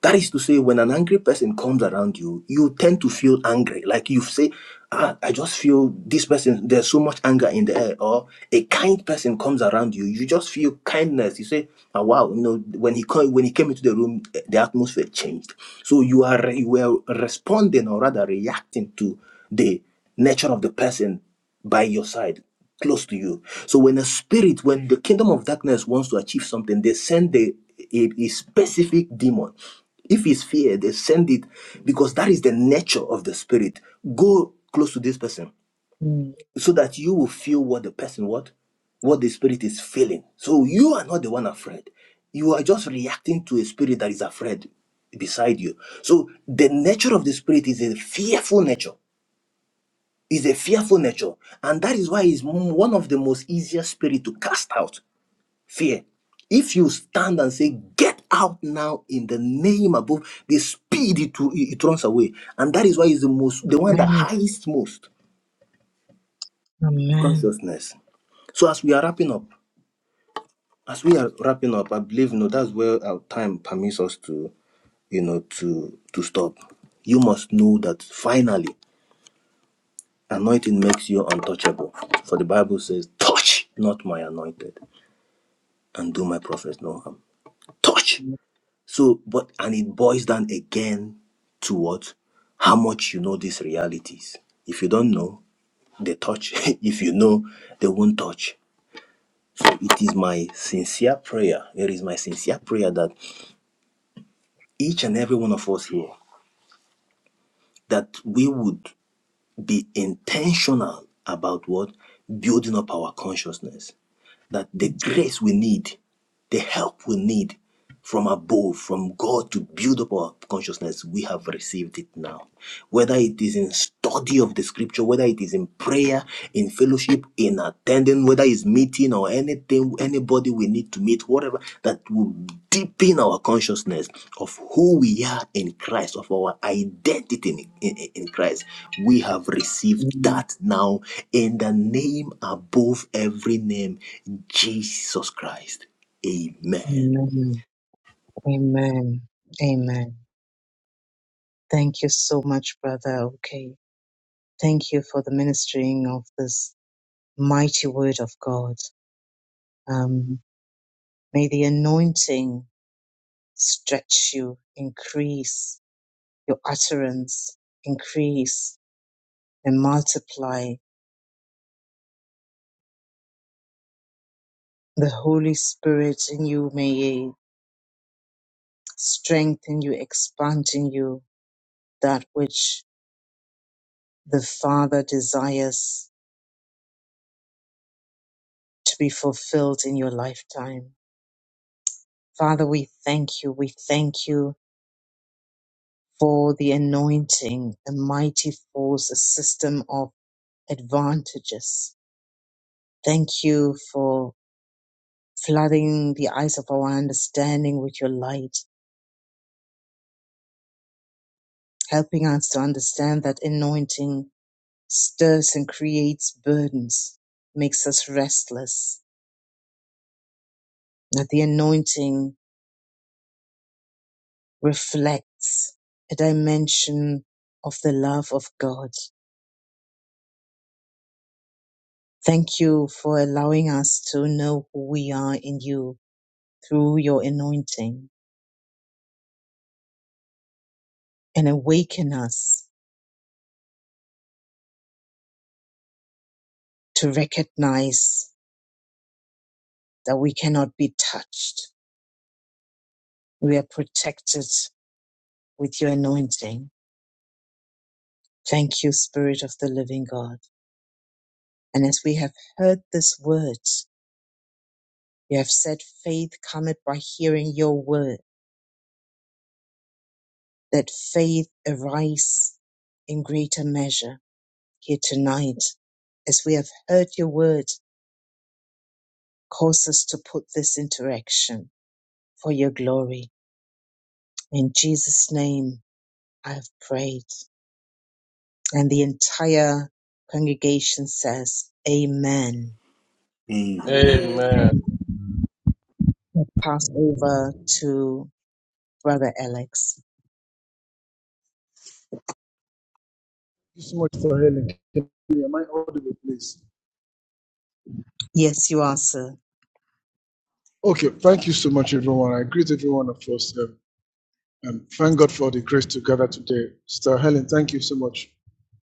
Speaker 4: That is to say, when an angry person comes around you, you tend to feel angry. Like you say, ah, I just feel this person, there's so much anger in the air. Or a kind person comes around you, you just feel kindness. You say, ah, wow, you know, when he came, when he came into the room, eh, the atmosphere changed. So you are you were responding or rather reacting to the nature of the person by your side, close to you. So when a spirit, when the kingdom of darkness wants to achieve something, they send the, a, a specific demon. If it's fear, they send it because that is the nature of the spirit. Go close to this person
Speaker 3: mm,
Speaker 4: so that you will feel what the person what what the spirit is feeling. So you are not the one afraid. You are just reacting to a spirit that is afraid beside you. So the nature of the spirit is a fearful nature. It's a fearful nature. And that is why it's m- one of the most easiest spirit to cast out fear. If you stand and say, Get out now in the name above, the speed it, will- it it runs away. And that is why it's the most, the one that
Speaker 3: Amen.
Speaker 4: highest most
Speaker 3: Amen.
Speaker 4: consciousness. So as we are wrapping up, as we are wrapping up, I believe you know that's where our time permits us to, you know, to to stop. You must know that finally, anointing makes you untouchable. For the Bible says, "Touch not my anointed." and do my prophets no harm. Touch. So, but and it boils down again to what? How much you know these realities. If you don't know, they touch. [LAUGHS] if you know, they won't touch. So it is my sincere prayer. It is my sincere prayer that each and every one of us here that we would be intentional about what building up our consciousness. That the grace we need the help we need from above, from God to build up our consciousness, we have received it now. Whether it is in study of the scripture, whether it is in prayer, in fellowship, in attending, whether it's meeting or anything, anybody we need to meet, whatever, that will deepen our consciousness of who we are in Christ, of our identity in, in in Christ. We have received
Speaker 3: Amen.
Speaker 4: that now in the name above every name, Jesus Christ. Amen.
Speaker 3: Amen. Amen. Amen. Thank you so much, brother. Okay. Thank you for the ministering of this mighty word of God. Um, may the anointing stretch you, increase your utterance, increase. and multiply. The Holy Spirit in you may strengthen you, expand in you that which the Father desires to be fulfilled in your lifetime. Father, we thank you. We thank you for the anointing, a mighty force, a system of advantages. Thank you for flooding the eyes of our understanding with your light, helping us to understand that anointing stirs and creates burdens, makes us restless. That the anointing reflects a dimension of the love of God. Thank you for allowing us to know who we are in you through your anointing and awaken us to recognize that we cannot be touched. We are protected with your anointing. Thank you, Spirit of the Living God. And as we have heard this word, You have said faith cometh by hearing your word, that faith arise in greater measure here tonight as we have heard your word, cause us to put this into action for your glory. In Jesus' name, I have prayed. And the entire congregation says, Amen.
Speaker 4: Amen.
Speaker 8: Amen.
Speaker 10: Amen.
Speaker 3: Pass over to Brother Alex.
Speaker 1: Thank you so much for healing. Am I audible, please?
Speaker 3: Yes, you are, sir.
Speaker 1: Okay, thank you so much, everyone. I greet everyone of us. Um, um, thank God for the grace to gather today. Sister Helen, thank you so much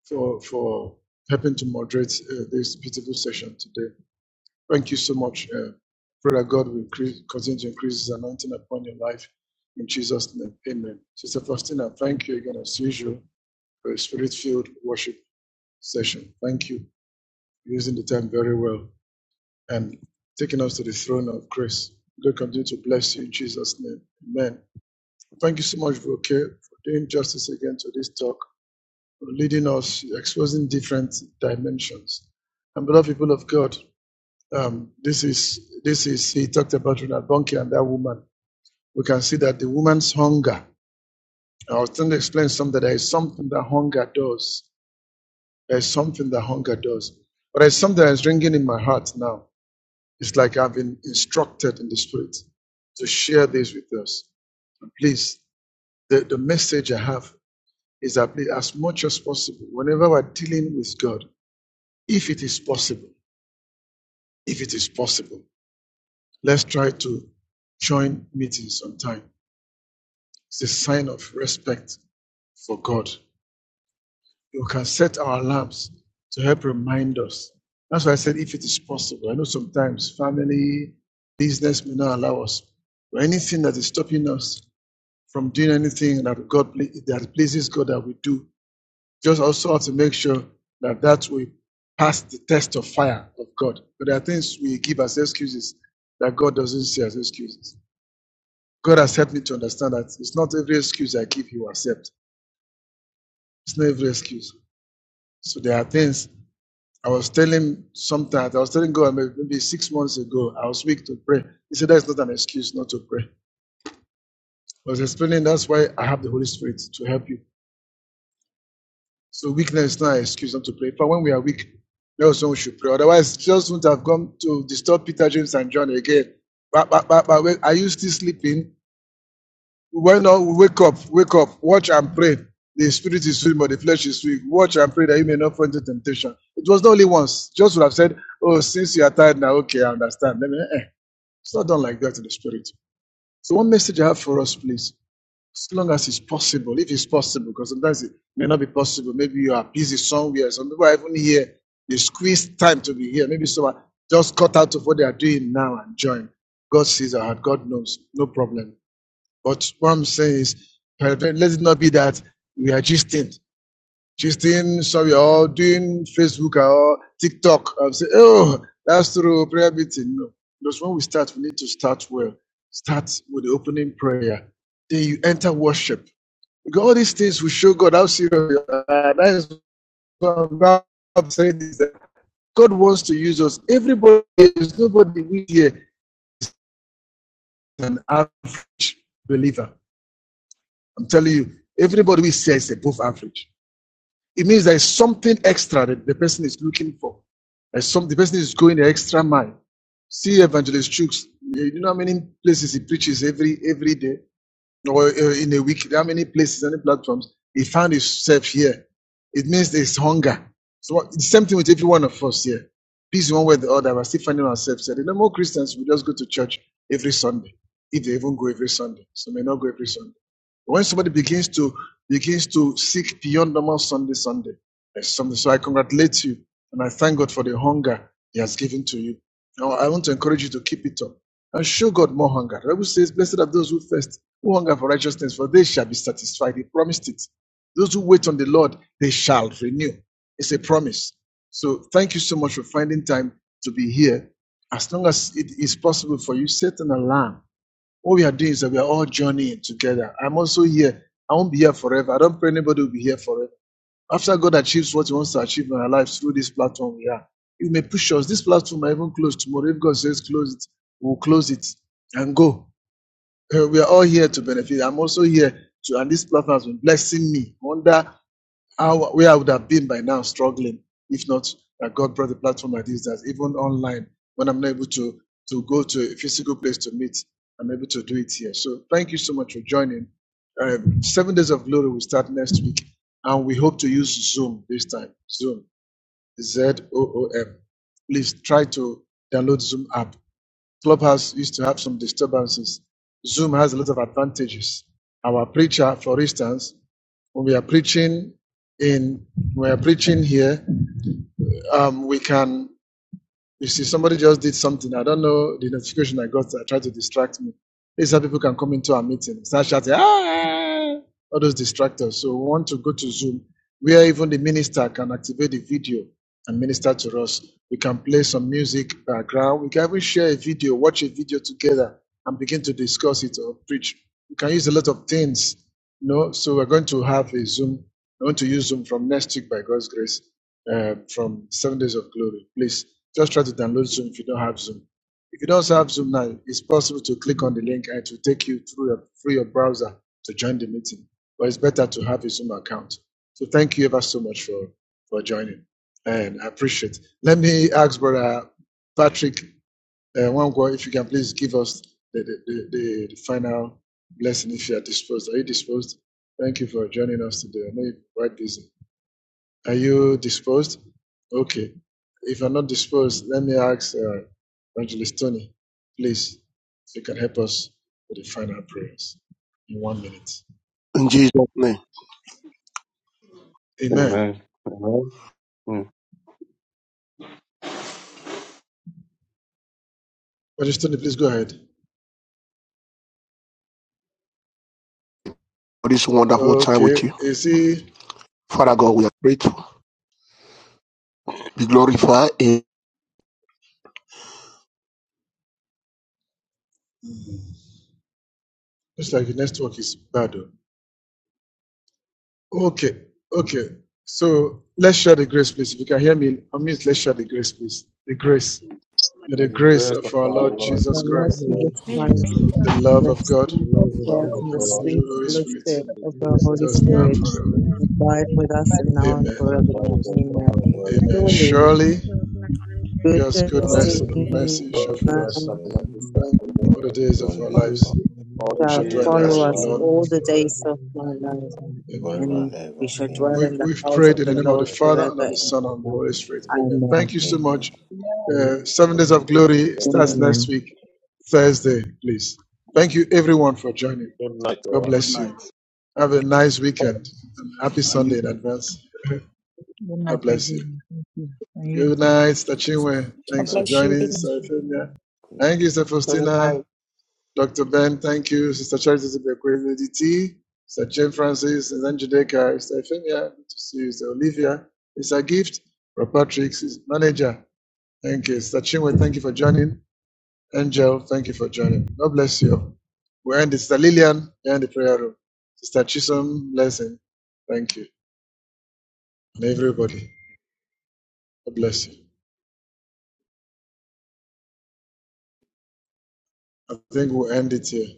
Speaker 1: for for helping to moderate uh, this beautiful session today. Thank you so much. Uh, pray that God will increase, continue to increase His anointing upon your life. In Jesus' name, amen. Sister Faustina, thank you again, as usual, for a spirit filled worship session. Thank you for using the time very well and taking us to the throne of grace. God continue to bless you in Jesus' name. Amen. Thank you so much, Voke, for doing justice again to this talk, for leading us, exposing different dimensions. And beloved people of God, Um, this is this is he talked about Ronald Bunke and that woman. We can see that the woman's hunger. I was trying to explain something that there is something that hunger does. There is something that hunger does. But there's something that's ringing in my heart now. It's like I've been instructed in the spirit to share this with us. And please, the, the message I have is that please, as much as possible, whenever we're dealing with God, if it is possible, if it is possible, let's try to join meetings on time. It's a sign of respect for God. We can set our alarms to help remind us. That's why I said, if it is possible. I know sometimes family, business may not allow us, but anything that is stopping us from doing anything that God that pleases God that we do, just also have to make sure that that will pass the test of fire of God. But there are things we give as excuses that God doesn't see as excuses. God has helped me to understand that it's not every excuse I give He will accept. It's not every excuse. So there are things I was telling sometimes, I was telling God maybe six months ago, I was weak to pray. He said, That's not an excuse not to pray. I was explaining that's why I have the Holy Spirit to help you. So weakness is not an excuse not to pray. But when we are weak, that's when we should pray. Otherwise, Jesus wouldn't have come to disturb Peter, James, and John again. But, but, but, but are you still sleeping? Why not wake up, wake up, watch and pray. The spirit is weak, but the flesh is weak. Watch and pray that you may not fall into temptation. It was not only once. Just would have said, Oh, since you are tired now, okay, I understand. Let me, eh. It's not done like that in the spirit. So, one message I have for us, please, as long as it's possible, if it's possible, because sometimes it may not be possible. Maybe you are busy somewhere. Some people are even here. They squeeze time to be here. Maybe someone just cut out of what they are doing now and join. God sees our heart. God knows. No problem. But what I'm saying is, let it not be that we are gisting, gisting, sorry, or doing Facebook or TikTok. I'm saying, oh, that's through prayer meeting. No, because when we start, we need to start well. Start with the opening prayer. Then you enter worship. Because all these things will show God how serious you are. That is what I'm saying is that God wants to use us. Everybody, there's nobody we here is an average believer. I'm telling you, everybody we say is above average. It means there is something extra that the person is looking for. There's some the person is going the extra mile. See Evangelist Chooks, you know how many places he preaches every every day or uh, in a week, how many places, any platforms, he found himself here. It means there's hunger. So what- the same thing with every one of us here. This one way or the other, we're still finding ourselves here. The normal Christians, we just go to church every Sunday, if they even go every Sunday. so may not go every Sunday. But when somebody begins to begins to seek beyond normal Sunday, Sunday, there's something. So I congratulate you and I thank God for the hunger He has given to you. Now I want to encourage you to keep it up and show God more hunger. The Bible says, Blessed are those who thirst, who hunger for righteousness, for they shall be satisfied. He promised it. Those who wait on the Lord, they shall renew. It's a promise. So thank you so much for finding time to be here. As long as it is possible for you, set an alarm. What we are doing is that we are all journeying together. I'm also here. I won't be here forever. I don't pray anybody will be here forever after God achieves what He wants to achieve in our lives through this platform we are, He may push us. This platform might even close tomorrow. If God says close it, we'll close it and go. Uh, We are all here to benefit. I'm also here to, and this platform has been blessing me. I Wonder how, where I would have been by now struggling if not that God brought the platform like this, that even online, when I'm not able to, to go to a physical place to meet, I'm able to do it here. So thank you so much for joining. Um, Seven Days of Glory will start next week, and we hope to use Zoom this time. Zoom, Z O O M. Please try to download Zoom app Clubhouse used to have some disturbances. Zoom has a lot of advantages. Our preacher, for instance, when we are preaching in when we are preaching here, um, we can you see somebody just did something. I don't know the notification I got that tried to distract me. This is how people can come into our meeting. Start shouting, ah! all those distractors. So we want to go to Zoom where even the minister can activate the video and minister to us. We can play some music background. We can even share a video, watch a video together and begin to discuss it or preach. We can use a lot of things. You know, so we're going to have a Zoom. We're going to use Zoom from next week by God's grace, uh, from seven days of glory. Please just try to download Zoom if you don't have Zoom. If you don't have Zoom now, it's possible to click on the link and it will take you through your, through your browser to join the meeting but it's better to have a Zoom account. So thank you ever so much for for joining, and I appreciate. it. Let me ask Brother Patrick uh, Wangwa if you can please give us the the, the, the the final blessing if you are disposed. Are you disposed? Thank you for joining us today. I know you're quite busy. Are you disposed? Okay. If you're not disposed, let me ask uh, Evangelist Tony, please, if you can help us with the final prayers in one minute.
Speaker 11: In Jesus' name,
Speaker 1: Amen.
Speaker 12: Amen. Amen.
Speaker 1: Rajasthani, please go ahead.
Speaker 11: for this wonderful time
Speaker 1: Okay,
Speaker 11: with you.
Speaker 1: you see,
Speaker 11: Father God, we are grateful. Be glorified in
Speaker 1: looks like the network is bad. oh. Okay, okay. So let's share the grace, please. If you can hear me, I mean, let's share the grace, please. The grace. May
Speaker 10: May
Speaker 1: the
Speaker 10: the
Speaker 1: grace
Speaker 10: grace
Speaker 1: of
Speaker 10: of
Speaker 1: our
Speaker 10: our
Speaker 1: Lord
Speaker 10: Lord
Speaker 3: So,
Speaker 2: With the
Speaker 1: Jesus
Speaker 3: the Lord
Speaker 2: family
Speaker 10: Jesus
Speaker 2: of
Speaker 1: Christ,
Speaker 2: our
Speaker 10: Christ,
Speaker 3: Jesus
Speaker 2: Lord
Speaker 13: My
Speaker 2: Jesus
Speaker 3: Christ.
Speaker 13: Education for
Speaker 2: Christ,
Speaker 1: the
Speaker 13: all
Speaker 1: love
Speaker 3: The
Speaker 1: of God,
Speaker 2: the
Speaker 3: sweet
Speaker 10: the
Speaker 2: love of
Speaker 10: love
Speaker 3: God
Speaker 2: God
Speaker 10: of
Speaker 2: the
Speaker 3: and the
Speaker 1: and the
Speaker 2: Father, the
Speaker 10: God,
Speaker 3: sweet
Speaker 1: spiritual Holy Spirit,
Speaker 3: fellowship
Speaker 10: and the
Speaker 3: of the
Speaker 10: secret
Speaker 2: fellowship
Speaker 3: Holy
Speaker 10: of
Speaker 1: just
Speaker 2: of
Speaker 10: the
Speaker 2: the
Speaker 1: now and
Speaker 3: Spirit
Speaker 2: Holy
Speaker 10: Holy
Speaker 1: forever.
Speaker 10: Spirit,
Speaker 2: Spirit,
Speaker 13: children,
Speaker 3: abide with us and
Speaker 2: rest and
Speaker 3: now and
Speaker 10: rest
Speaker 1: Amen.
Speaker 10: and
Speaker 2: abide with
Speaker 10: abide
Speaker 3: forevermore.
Speaker 2: us
Speaker 10: with us
Speaker 2: now and
Speaker 10: now
Speaker 3: Amen.
Speaker 10: and
Speaker 4: Amen.
Speaker 2: forever.
Speaker 1: Amen.
Speaker 10: forevermore.
Speaker 3: Surely
Speaker 13: particularly
Speaker 10: Amen.
Speaker 13: those
Speaker 1: Surely,
Speaker 13: with learning
Speaker 1: God's
Speaker 4: You have
Speaker 3: goodness
Speaker 2: God's
Speaker 1: goodness
Speaker 10: Surely,
Speaker 1: and
Speaker 4: been
Speaker 13: disabilities.
Speaker 2: goodness
Speaker 3: and
Speaker 1: mercy
Speaker 4: from
Speaker 2: and
Speaker 1: shall
Speaker 10: God's
Speaker 2: His
Speaker 1: follow
Speaker 4: the
Speaker 10: goodness
Speaker 1: us
Speaker 2: mercy
Speaker 10: and
Speaker 2: that
Speaker 10: mercy shall
Speaker 2: follows
Speaker 3: mercy
Speaker 1: all
Speaker 10: follow
Speaker 1: the
Speaker 10: us
Speaker 4: for
Speaker 1: days
Speaker 2: all
Speaker 1: of
Speaker 4: long
Speaker 2: the
Speaker 1: our
Speaker 4: days of
Speaker 2: days
Speaker 1: lives.
Speaker 2: of our
Speaker 10: all
Speaker 2: life.
Speaker 1: We
Speaker 10: the
Speaker 1: shall
Speaker 3: shall
Speaker 1: dwell
Speaker 10: days
Speaker 1: in the
Speaker 10: of
Speaker 4: our
Speaker 2: We
Speaker 10: our
Speaker 1: house
Speaker 3: follow
Speaker 1: of the
Speaker 2: shall
Speaker 3: us
Speaker 2: dwell
Speaker 1: Lord
Speaker 10: life,
Speaker 2: in
Speaker 3: all
Speaker 2: the
Speaker 3: the
Speaker 2: house of
Speaker 1: forever.
Speaker 3: days
Speaker 2: the
Speaker 3: of
Speaker 2: Lord
Speaker 3: my life,
Speaker 2: forever
Speaker 14: Good
Speaker 2: and
Speaker 1: Amen.
Speaker 2: ever.
Speaker 4: forever
Speaker 3: and
Speaker 4: and ever.
Speaker 3: we shall dwell
Speaker 4: Amen.
Speaker 2: Amen.
Speaker 1: We,
Speaker 3: in the
Speaker 1: we've
Speaker 3: house of
Speaker 1: prayed in
Speaker 3: the
Speaker 1: the
Speaker 10: forever
Speaker 1: name
Speaker 10: and
Speaker 1: of the
Speaker 3: Lord
Speaker 10: ever.
Speaker 1: Father and of
Speaker 3: forever
Speaker 1: the
Speaker 3: and
Speaker 10: Amen.
Speaker 1: Son and of the
Speaker 3: ever.
Speaker 1: Holy Spirit. Amen. Thank
Speaker 3: Amen.
Speaker 1: you so much.
Speaker 4: Amen.
Speaker 2: O Lord,
Speaker 1: Uh, Seven Days
Speaker 10: Holy
Speaker 1: of
Speaker 10: Spirit,
Speaker 1: Glory
Speaker 10: Amen.
Speaker 1: starts
Speaker 3: Amen.
Speaker 1: next week, Thursday, please. Thank you, everyone, for joining.
Speaker 10: Good night,
Speaker 1: God
Speaker 10: all.
Speaker 9: Good
Speaker 1: bless you.
Speaker 9: night.
Speaker 1: Have a nice weekend and happy
Speaker 9: And
Speaker 1: Sunday
Speaker 9: you.
Speaker 1: in advance. [LAUGHS]
Speaker 14: night,
Speaker 1: God bless you.
Speaker 14: everyone. Thank you. And you
Speaker 1: Good
Speaker 14: too.
Speaker 1: night,
Speaker 4: Thank you, sir.
Speaker 1: Stachinwe.
Speaker 4: Good
Speaker 1: Thanks for
Speaker 4: night.
Speaker 1: joining,
Speaker 14: Thank
Speaker 1: Sister
Speaker 14: you.
Speaker 1: Euphemia. Thank you, Sister
Speaker 15: It was like
Speaker 1: Faustina. Dr. Ben, thank you. Sister Charity Zibekwe, Lady T, Sister Jane Francis, and then Judeka, Sister Femia, good to see you, Sister Olivia, Sister Gift, Rob Patrick, his manager. Thank you. Sister Chinwe, thank you for joining. Angel, thank you for joining. God bless you. We end the Sister Lillian in the prayer room. Sister Chisholm, blessing. Thank you. And everybody, God bless you. I think we'll end it here.